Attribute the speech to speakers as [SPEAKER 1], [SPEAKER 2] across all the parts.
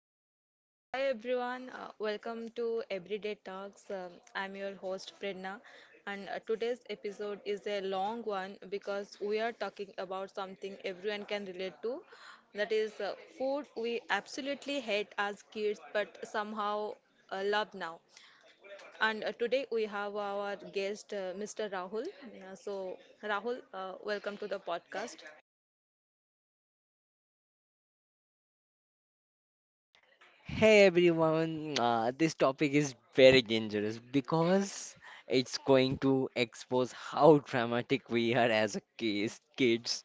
[SPEAKER 1] Okay. Hi everyone. Welcome to Everyday Talks. I'm your host Prerna, and today's episode is a long one because we are talking about something everyone can relate to. That is food we absolutely hate as kids, but somehow love now. And today we have our guest, Mr. Rahul. So Rahul, welcome to the podcast.
[SPEAKER 2] Hey everyone, this topic is very dangerous because it's going to expose how dramatic we are as a kids.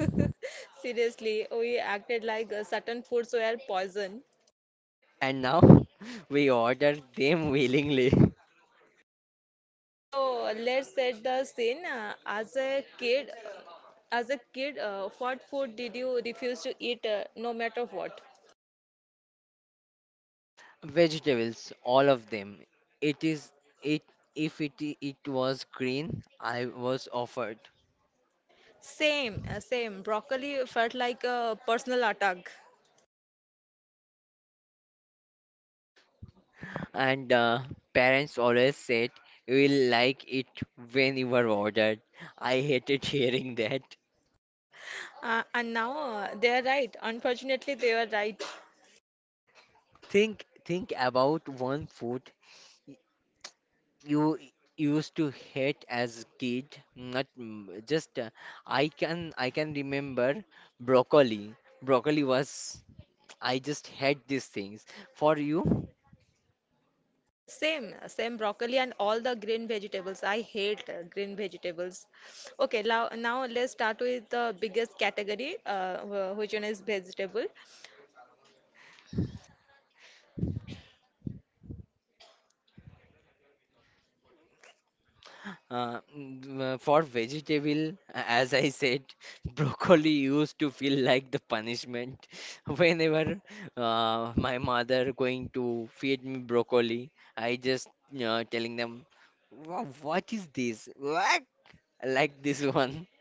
[SPEAKER 1] Seriously, we acted like certain foods were poison.
[SPEAKER 2] And now we order them willingly.
[SPEAKER 1] So let's set the scene. As a kid, what food did you refuse to eat, no matter what?
[SPEAKER 2] Vegetables, all of them. It is it if it I- it was green, I was offered.
[SPEAKER 1] Same, same. Broccoli felt like a personal attack.
[SPEAKER 2] And parents always said you will like it when you were ordered. I hated hearing that.
[SPEAKER 1] And now they are right. Unfortunately, they were right.
[SPEAKER 2] Think about one food y- you used to hate as a kid. Not m- just I can remember broccoli. Broccoli was I just hate these things. For you?
[SPEAKER 1] Same, same broccoli and all the green vegetables. I hate green vegetables. Okay, now let's start with the biggest category, which one is vegetable.
[SPEAKER 2] For vegetable, as I said, broccoli used to feel like the punishment. Whenever my mother going to feed me broccoli, I just telling them, "Wha- "What is this? What?" Like this one.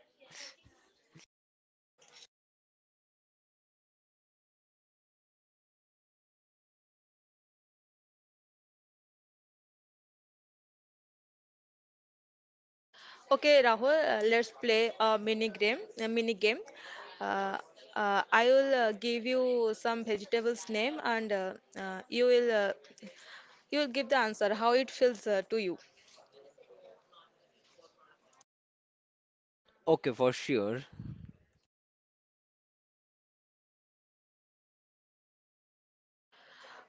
[SPEAKER 1] Okay, Rahul, let's play a mini game. A mini game. Uh, I will give you some vegetables name, and uh, you will uh, you will give the answer how it feels to you.
[SPEAKER 2] Okay, for sure.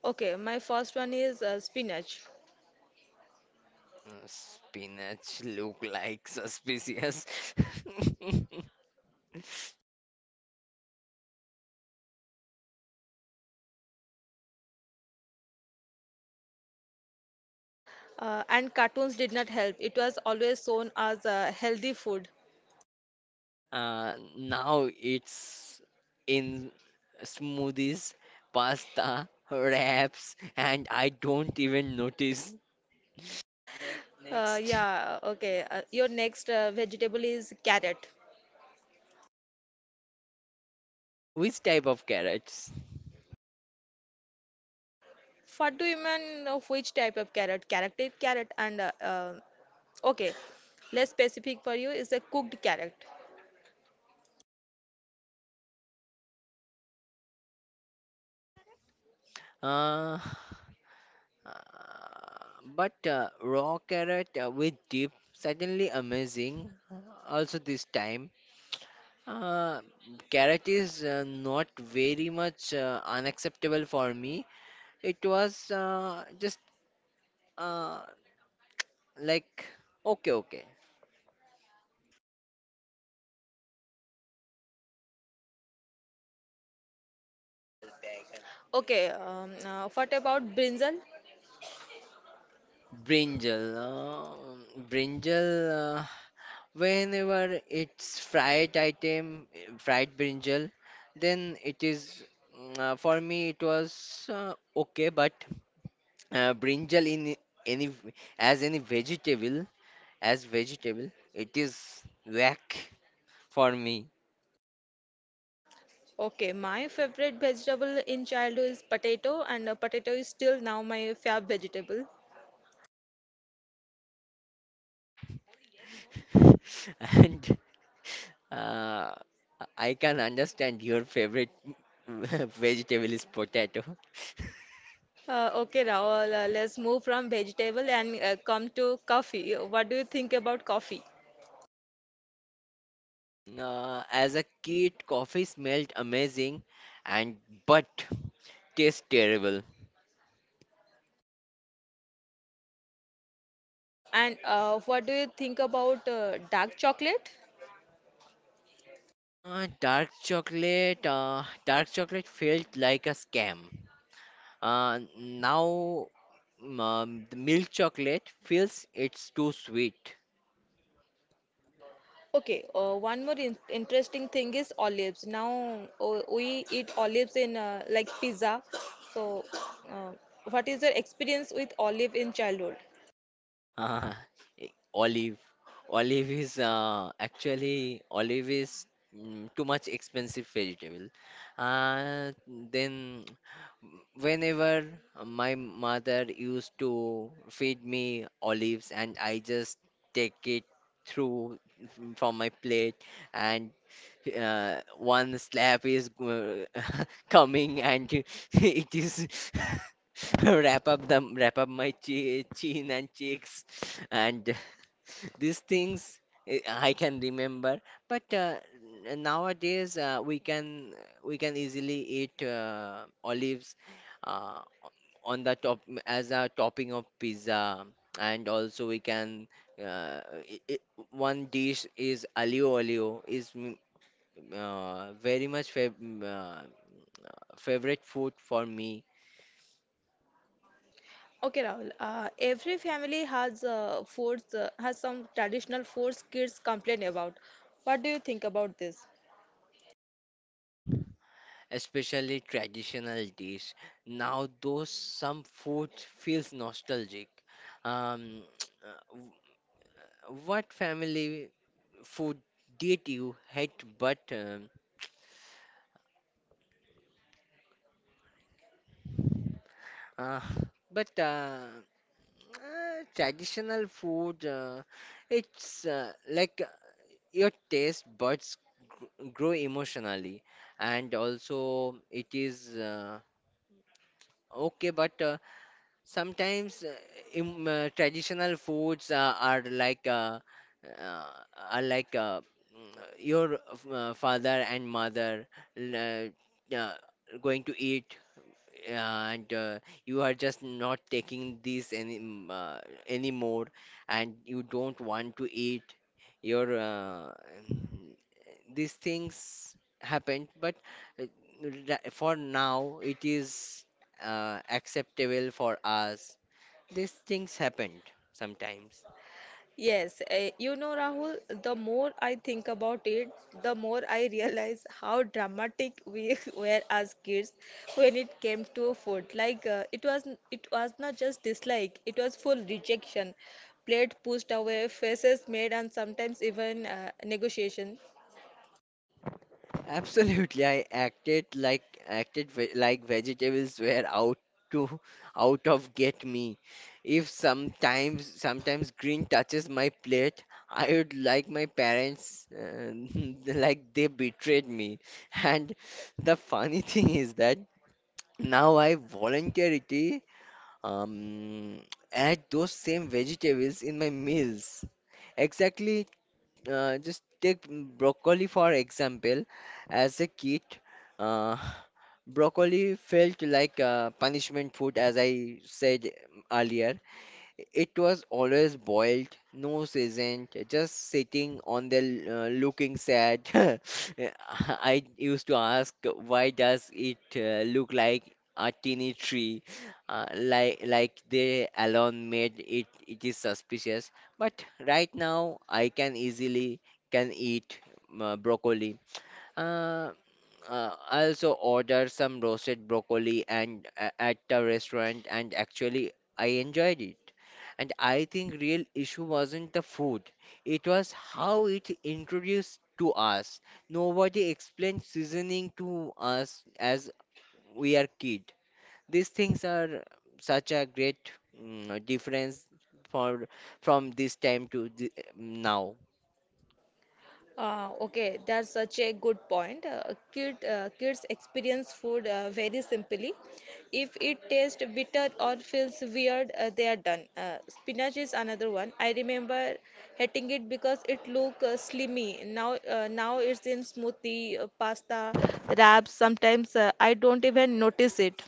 [SPEAKER 1] Okay, my first one is spinach.
[SPEAKER 2] Spinach look like suspicious.
[SPEAKER 1] And cartoons did not help. It was always shown as healthy food.
[SPEAKER 2] Now it's in smoothies, pasta, wraps, and I don't even notice.
[SPEAKER 1] Uh,
[SPEAKER 2] Next,
[SPEAKER 1] yeah. Okay. Your next vegetable is carrot.
[SPEAKER 2] which type of carrots?
[SPEAKER 1] What do you mean of which type of carrot? Carrot and okay, less specific for you is a cooked carrot.
[SPEAKER 2] Uh, uh, but raw carrot with dip, certainly amazing. Also, this time, uh, carrot is not very much unacceptable for me. It was just uh, like okay, okay.
[SPEAKER 1] Okay, what about brinjal?
[SPEAKER 2] Brinjal. Uh, whenever it's fried item, fried brinjal, then it is, for me, it was okay, but brinjal in any, v- as any vegetable, as vegetable, it is whack for me.
[SPEAKER 1] Okay, my favorite vegetable in childhood is potato, and potato is still now my fav vegetable.
[SPEAKER 2] And uh, I can understand your favorite vegetable is potato.
[SPEAKER 1] Okay, Rahul, let's move from vegetable and come to coffee. What do you think about coffee?
[SPEAKER 2] As a kid, coffee smelled amazing and but tastes terrible.
[SPEAKER 1] And what do you think about dark chocolate?
[SPEAKER 2] Dark chocolate, dark chocolate felt like a scam. Uh, now, the milk chocolate feels it's too sweet.
[SPEAKER 1] Okay, one more in interesting thing is olives. Now we eat olives in like pizza. So, uh, what is your experience with olive in childhood?
[SPEAKER 2] Uh, olive. Olive is actually olive is mm, too much expensive vegetable. Uh, then whenever my mother used to feed me olives and I just take it through from my plate and one slap is coming and it is wrap up my che chin and cheeks and these things I can remember. But nowadays we can easily eat olives uh, on the top as a topping of pizza, and also we can I one dish is alio olio is very much favorite food for me,
[SPEAKER 1] Okay, Rahul. Every family has foods, has some traditional foods kids complain about. What do you think about this?
[SPEAKER 2] especially traditional dish. Now, though some food feels nostalgic. Um, uh, w- what family food did you hate, but uh, but uh, traditional food, it's like your taste buds grow emotionally, and also it is. Okay, but sometimes im traditional foods uh, are like your father and mother l- uh, uh, going to eat and you are just not taking this any anymore and you don't want to eat your mm, these things happened but uh, for now it is acceptable for us these things happened sometimes.
[SPEAKER 1] Yes, eh, you know, Rahul, the more I think about it, the more I realize how dramatic we were as kids when it came to food. Like it was not just dislike; it was full rejection, plate pushed away, faces made, and sometimes even negotiation.
[SPEAKER 2] Absolutely, I acted like vegetables were to out of get me. If sometimes green touches my plate, I would like my parents like they betrayed me. And the funny thing is that now I voluntarily um, add those same vegetables in my meals. Exactly just take broccoli for example. As a kid, uh, broccoli felt like punishment food, as I said earlier. It was always boiled, no seasoned, just sitting on the looking sad. I used to ask, why does it look like a teeny tree? Like they alone made it. It is suspicious. But right now, I can easily can eat broccoli. Uh, I also ordered some roasted broccoli and at the restaurant, and actually I enjoyed it. And I think real issue wasn't the food; it was how it introduced to us. Nobody explained seasoning to us as we are kid. These things are such a great difference for from this time to the, now.
[SPEAKER 1] Okay, that's such a good point. Kids experience food very simply. If it tastes bitter or feels weird, they are done. Spinach is another one. I remember hating it because it looked slimy. Now, now it's in smoothie, pasta, wraps. Sometimes I don't even notice it.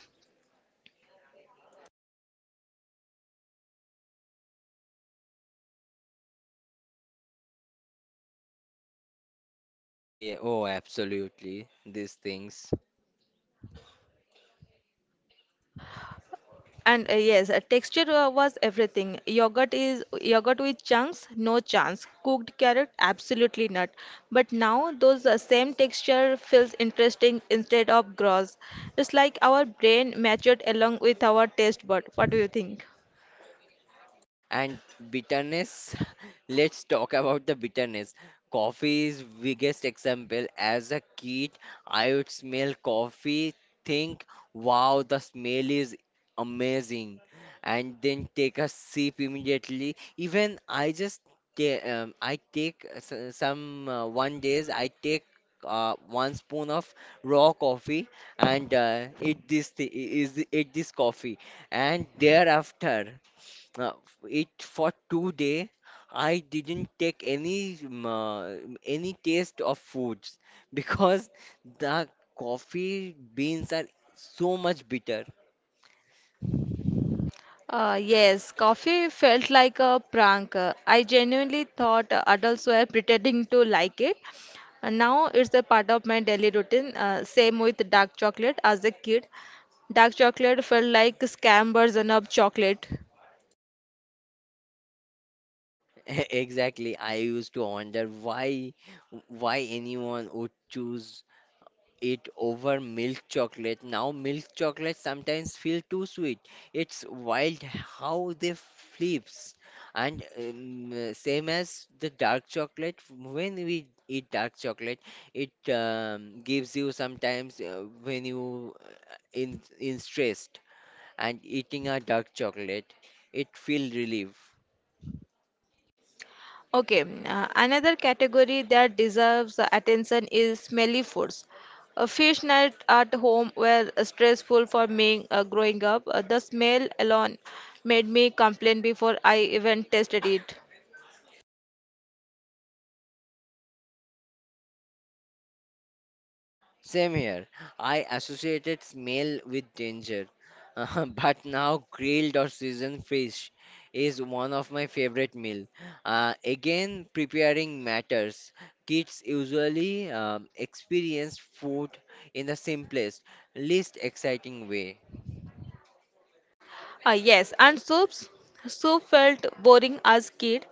[SPEAKER 2] Yeah, oh, absolutely, these things.
[SPEAKER 1] And yes, texture was everything. Yogurt is yogurt with chunks, no chance. Cooked carrot, absolutely not. But now those same texture feels interesting instead of gross. It's like our brain matured along with our taste bud. What do you think?
[SPEAKER 2] And bitterness. Let's talk about the bitterness. Coffee is biggest example. As a kid, I would smell coffee, think, wow, the smell is amazing, and then take a sip immediately. Even I just I take some one days I take one spoon of raw coffee and eat this coffee and thereafter. Uh, it for 2 day, I didn't take any taste of foods because the coffee beans are so much bitter.
[SPEAKER 1] Yes, coffee felt like a prank. I genuinely thought adults were pretending to like it. Now it's a part of my daily routine. Same with dark chocolate as a kid. Dark chocolate felt like scam version of chocolate.
[SPEAKER 2] Exactly, I used to wonder why anyone would choose it over milk chocolate. Now milk chocolate sometimes feel too sweet. It's wild how they flips. And same as the dark chocolate, when we eat dark chocolate, it gives you sometimes when you in stressed and eating a dark chocolate, it feel relief.
[SPEAKER 1] Okay, another category that deserves attention is smelly foods. A fish night at home were stressful for me growing up. The smell alone made me complain before I even tasted it.
[SPEAKER 2] Same here. I associated smell with danger, but now grilled or seasoned fish is one of my favorite meal. Again, preparing matters. Kids usually experience food in the simplest, least exciting way.
[SPEAKER 1] Yes, and soups. Soup felt boring as kid.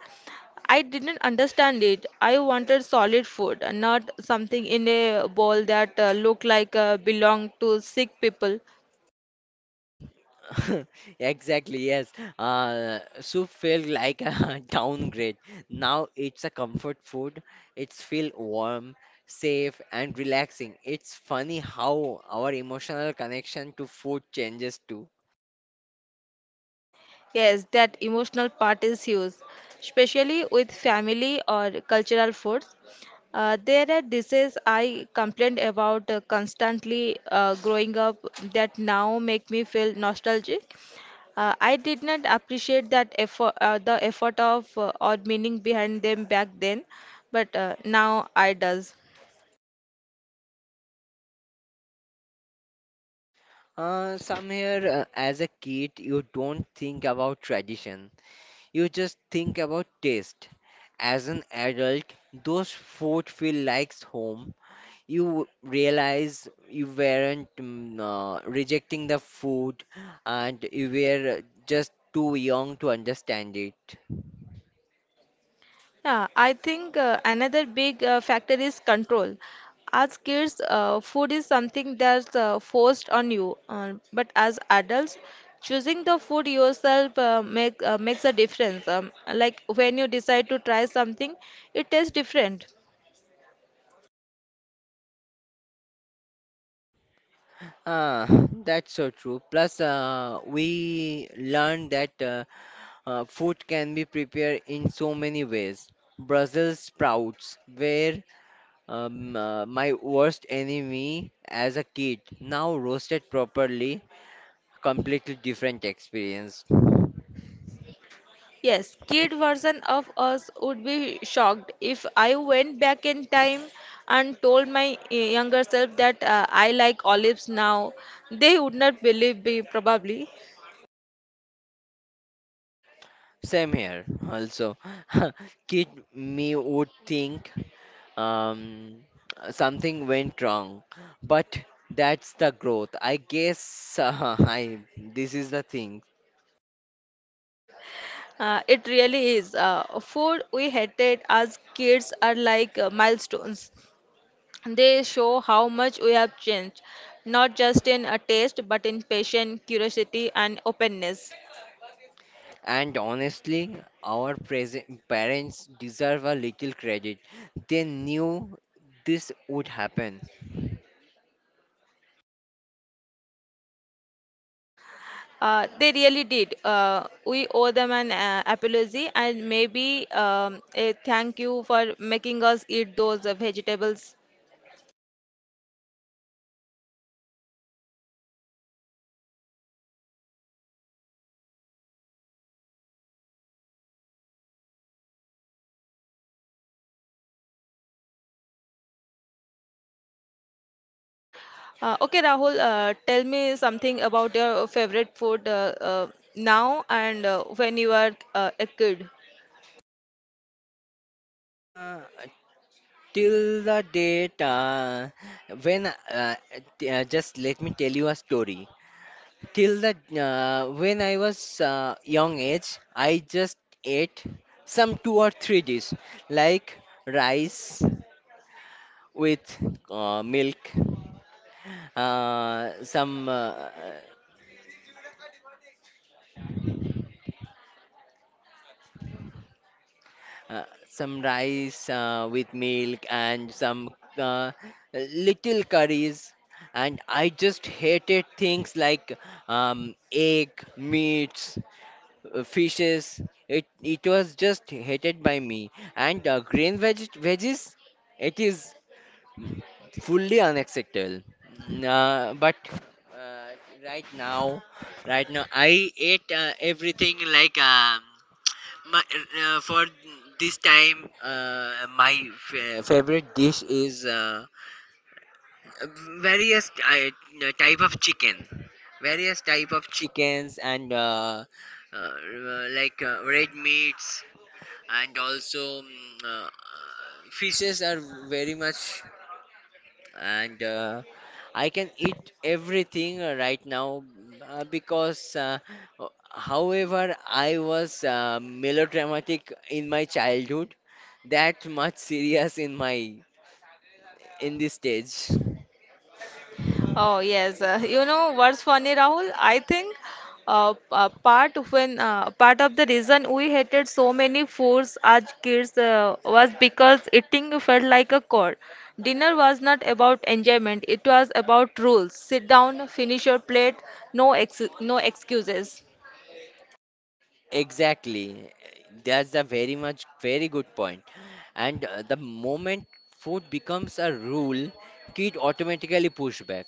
[SPEAKER 1] I didn't understand it. I wanted solid food, not something in a bowl that looked like belonged to sick people.
[SPEAKER 2] Exactly, yes. Soup felt like a downgrade. Now it's a comfort food. It's feel warm, safe, and relaxing. It's funny how our emotional connection to food changes too.
[SPEAKER 1] Yes, that emotional part is huge, especially with family or cultural foods. There are dishes I complained about constantly growing up that now make me feel nostalgic. I did not appreciate that effort, the effort of or meaning behind them back then, but now I does.
[SPEAKER 2] As a kid, you don't think about tradition. You just think about taste. As an adult, those food feel like home. You realize you weren't rejecting the food and you were just too young to understand it.
[SPEAKER 1] Yeah, I think another big factor is control. As kids, food is something that's forced on you, but as adults, choosing the food yourself makes a difference. Like when you decide to try something, it tastes different.
[SPEAKER 2] Ah, that's so true. Plus, we learned that food can be prepared in so many ways. Brussels sprouts were my worst enemy as a kid, now roasted properly, completely different experience.
[SPEAKER 1] Yes, kid version of us would be shocked if I went back in time and told my younger self that I like olives now. They would not believe me, probably.
[SPEAKER 2] Same here, also. Kid me would think um, something went wrong, but that's the growth. I guess I this is the thing.
[SPEAKER 1] It really is. Food we hated as kids are like milestones. They show how much we have changed, not just in a taste, but in passion, curiosity, and openness.
[SPEAKER 2] And honestly, our present parents deserve a little credit. They knew this would happen.
[SPEAKER 1] They really did. We owe them an apology and maybe a thank you for making us eat those vegetables. Okay, Rahul, tell me something about your favorite food now and when you were a kid.
[SPEAKER 2] Uh, till the date when t- just let me tell you a story till the when I was young age I just ate some two or three dish like rice with milk uh, some uh, uh, some rice with milk and some uh, little curries and I just hated things like egg meats fishes it was just hated by me and veggies it is fully unacceptable. But uh, right now, right now, I ate everything like my, for this time. Favorite dish is various type of chicken, various type of chickens and uh, like red meats and also uh, fishes are very much and I can eat everything right now uh, because, uh, however, I was melodramatic in my childhood, that much serious in my in this stage.
[SPEAKER 1] Oh yes, you know what's funny, Rahul? I think part of the reason we hated so many foods as kids was because eating felt like a chore. Dinner was not about enjoyment; it was about rules. Sit down, finish your plate, no excuses.
[SPEAKER 2] Exactly, that's a very much very good point. And the moment food becomes a rule, kid automatically push back.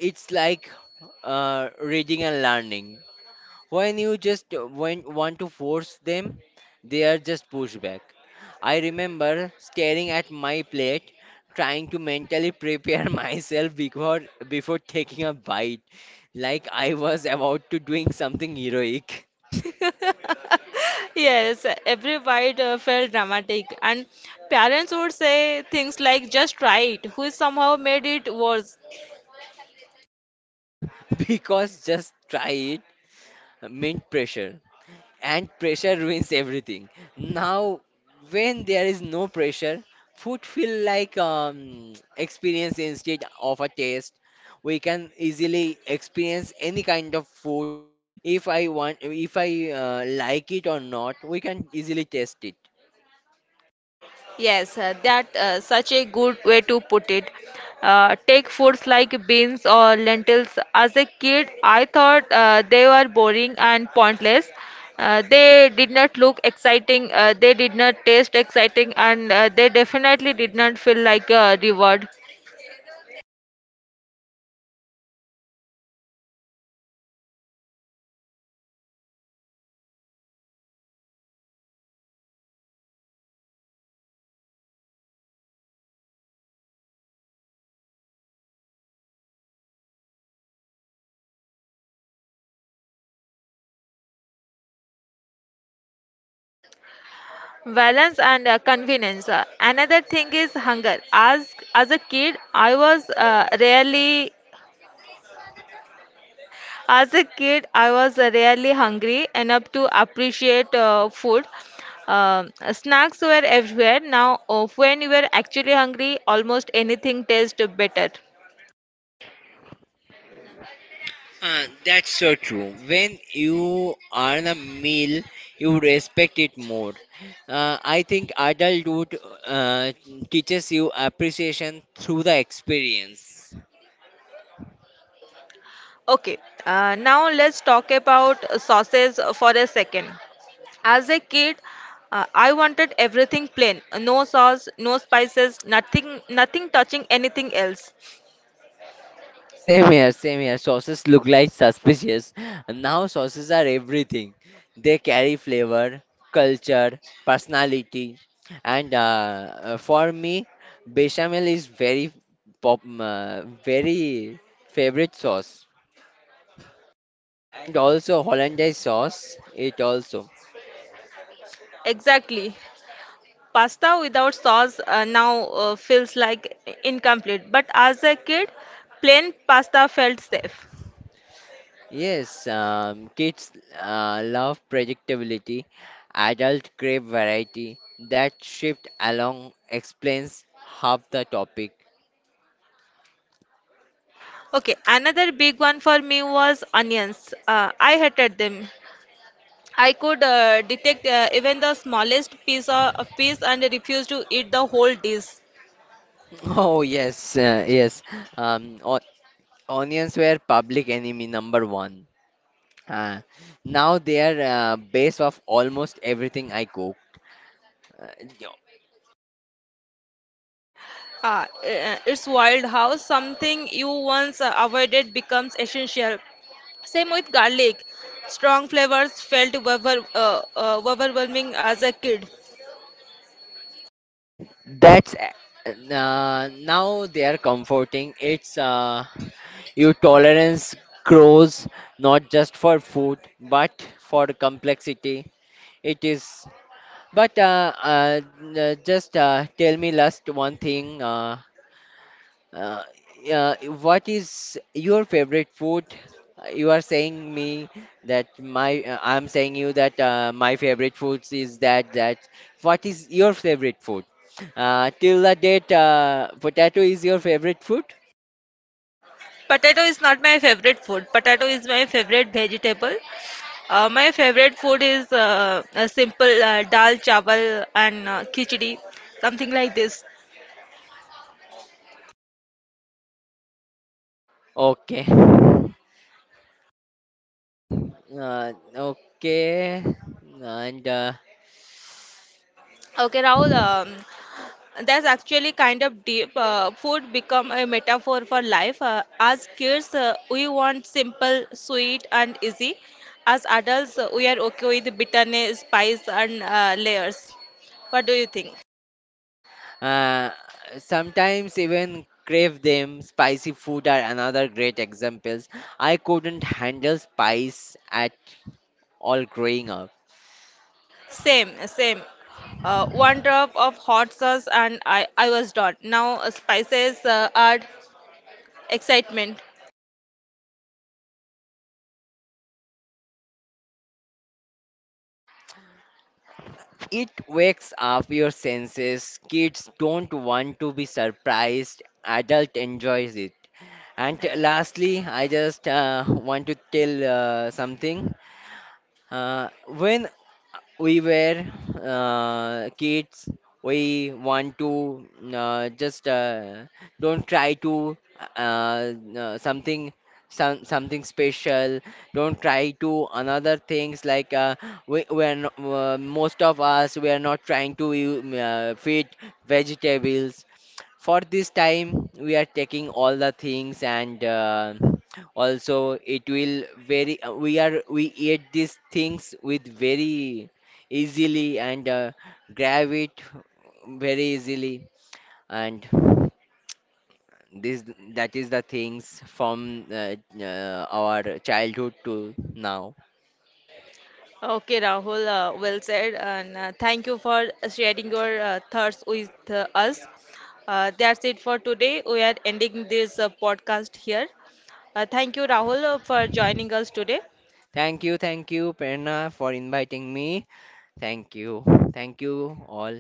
[SPEAKER 2] It's like reading and learning. When you just want to force them, they are just pushed back. I remember staring at my plate, trying to mentally prepare myself before taking a bite, like I was about to doing something heroic.
[SPEAKER 1] Yes, every bite felt dramatic, and parents would say things like "just try it," which somehow made it worse.
[SPEAKER 2] Because just try it meant pressure. And pressure ruins everything. Now, when there is no pressure, food feel like experience instead of a taste. We can easily experience any kind of food. If I want, if I like it or not, we can easily taste it.
[SPEAKER 1] Yes, that such a good way to put it. Take foods like beans or lentils. As a kid, I thought they were boring and pointless. They did not look exciting. They did not taste exciting, and they definitely did not feel like a reward. Balance and convenience. Another thing is hunger. As a kid, I was rarely hungry enough to appreciate food. Snacks were everywhere. Now, when you were actually hungry, almost anything tastes better.
[SPEAKER 2] That's so true. When you earn a meal, you respect it more. I think adulthood uh, teaches you appreciation through the experience.
[SPEAKER 1] Okay, now let's talk about sauces for a second. As a kid, I wanted everything plain, no sauce, no spices, nothing touching anything else.
[SPEAKER 2] Same here, same here. Sauces look like suspicious. Now sauces are everything. They carry flavor, culture, personality, and for me, bechamel is very very favorite sauce. And also hollandaise sauce, it also.
[SPEAKER 1] Exactly. Pasta without sauce now feels like incomplete, but as a kid, plain pasta felt safe.
[SPEAKER 2] Yes, kids love predictability. Adult crave variety. That shift along explains half the topic.
[SPEAKER 1] Okay, another big one for me was onions. I hated them. I could detect even the smallest piece of a piece and refuse to eat the whole dish.
[SPEAKER 2] Oh yes, yes. O onions were public enemy number one. Uh, now they are base of almost everything I cook. Uh, yo-
[SPEAKER 1] It's wild how something you once avoided becomes essential. Same with garlic. Strong flavors felt overwhelming as a kid.
[SPEAKER 2] that's a- now they are comforting. It's your tolerance grows not just for food but for complexity. It is. But just tell me last one thing. Uh, yeah, what is your favorite food? You are saying me that my I'm saying you that my favorite foods is that what is your favorite food? Till the date, potato is your favorite food?
[SPEAKER 1] Potato is not my favorite food. Potato is my favorite vegetable. My favorite food is a simple dal, chawal, and khichdi, something like this.
[SPEAKER 2] Okay. Okay. And
[SPEAKER 1] Okay, Rahul, that's actually kind of deep. Food become a metaphor for life. As kids, we want simple, sweet, and easy. As adults, we are okay with bitterness, spice, and layers. What do you think?
[SPEAKER 2] uh, sometimes even crave them. Spicy food are another great examples. I couldn't handle spice at all growing up.
[SPEAKER 1] Same, same. One drop of hot sauce and I was done. Now spices add excitement.
[SPEAKER 2] It wakes up your senses. Kids don't want to be surprised. Adult enjoys it. And lastly, I just want to tell something. When we were kids, we want to just don't try to something some, something special. Don't try to another things like we we're no, most of us we are not trying to feed vegetables for this time we are taking all the things and also it will very we are we eat these things with very easily and grab it very easily and this that is the things from uh, our childhood to now.
[SPEAKER 1] Okay, Rahul, well said, and thank you for sharing your thoughts with us. That's it for today. We are ending this podcast here. Thank you, Rahul, for joining us today.
[SPEAKER 2] Thank you, Prerna, for inviting me. Thank you, thank you all.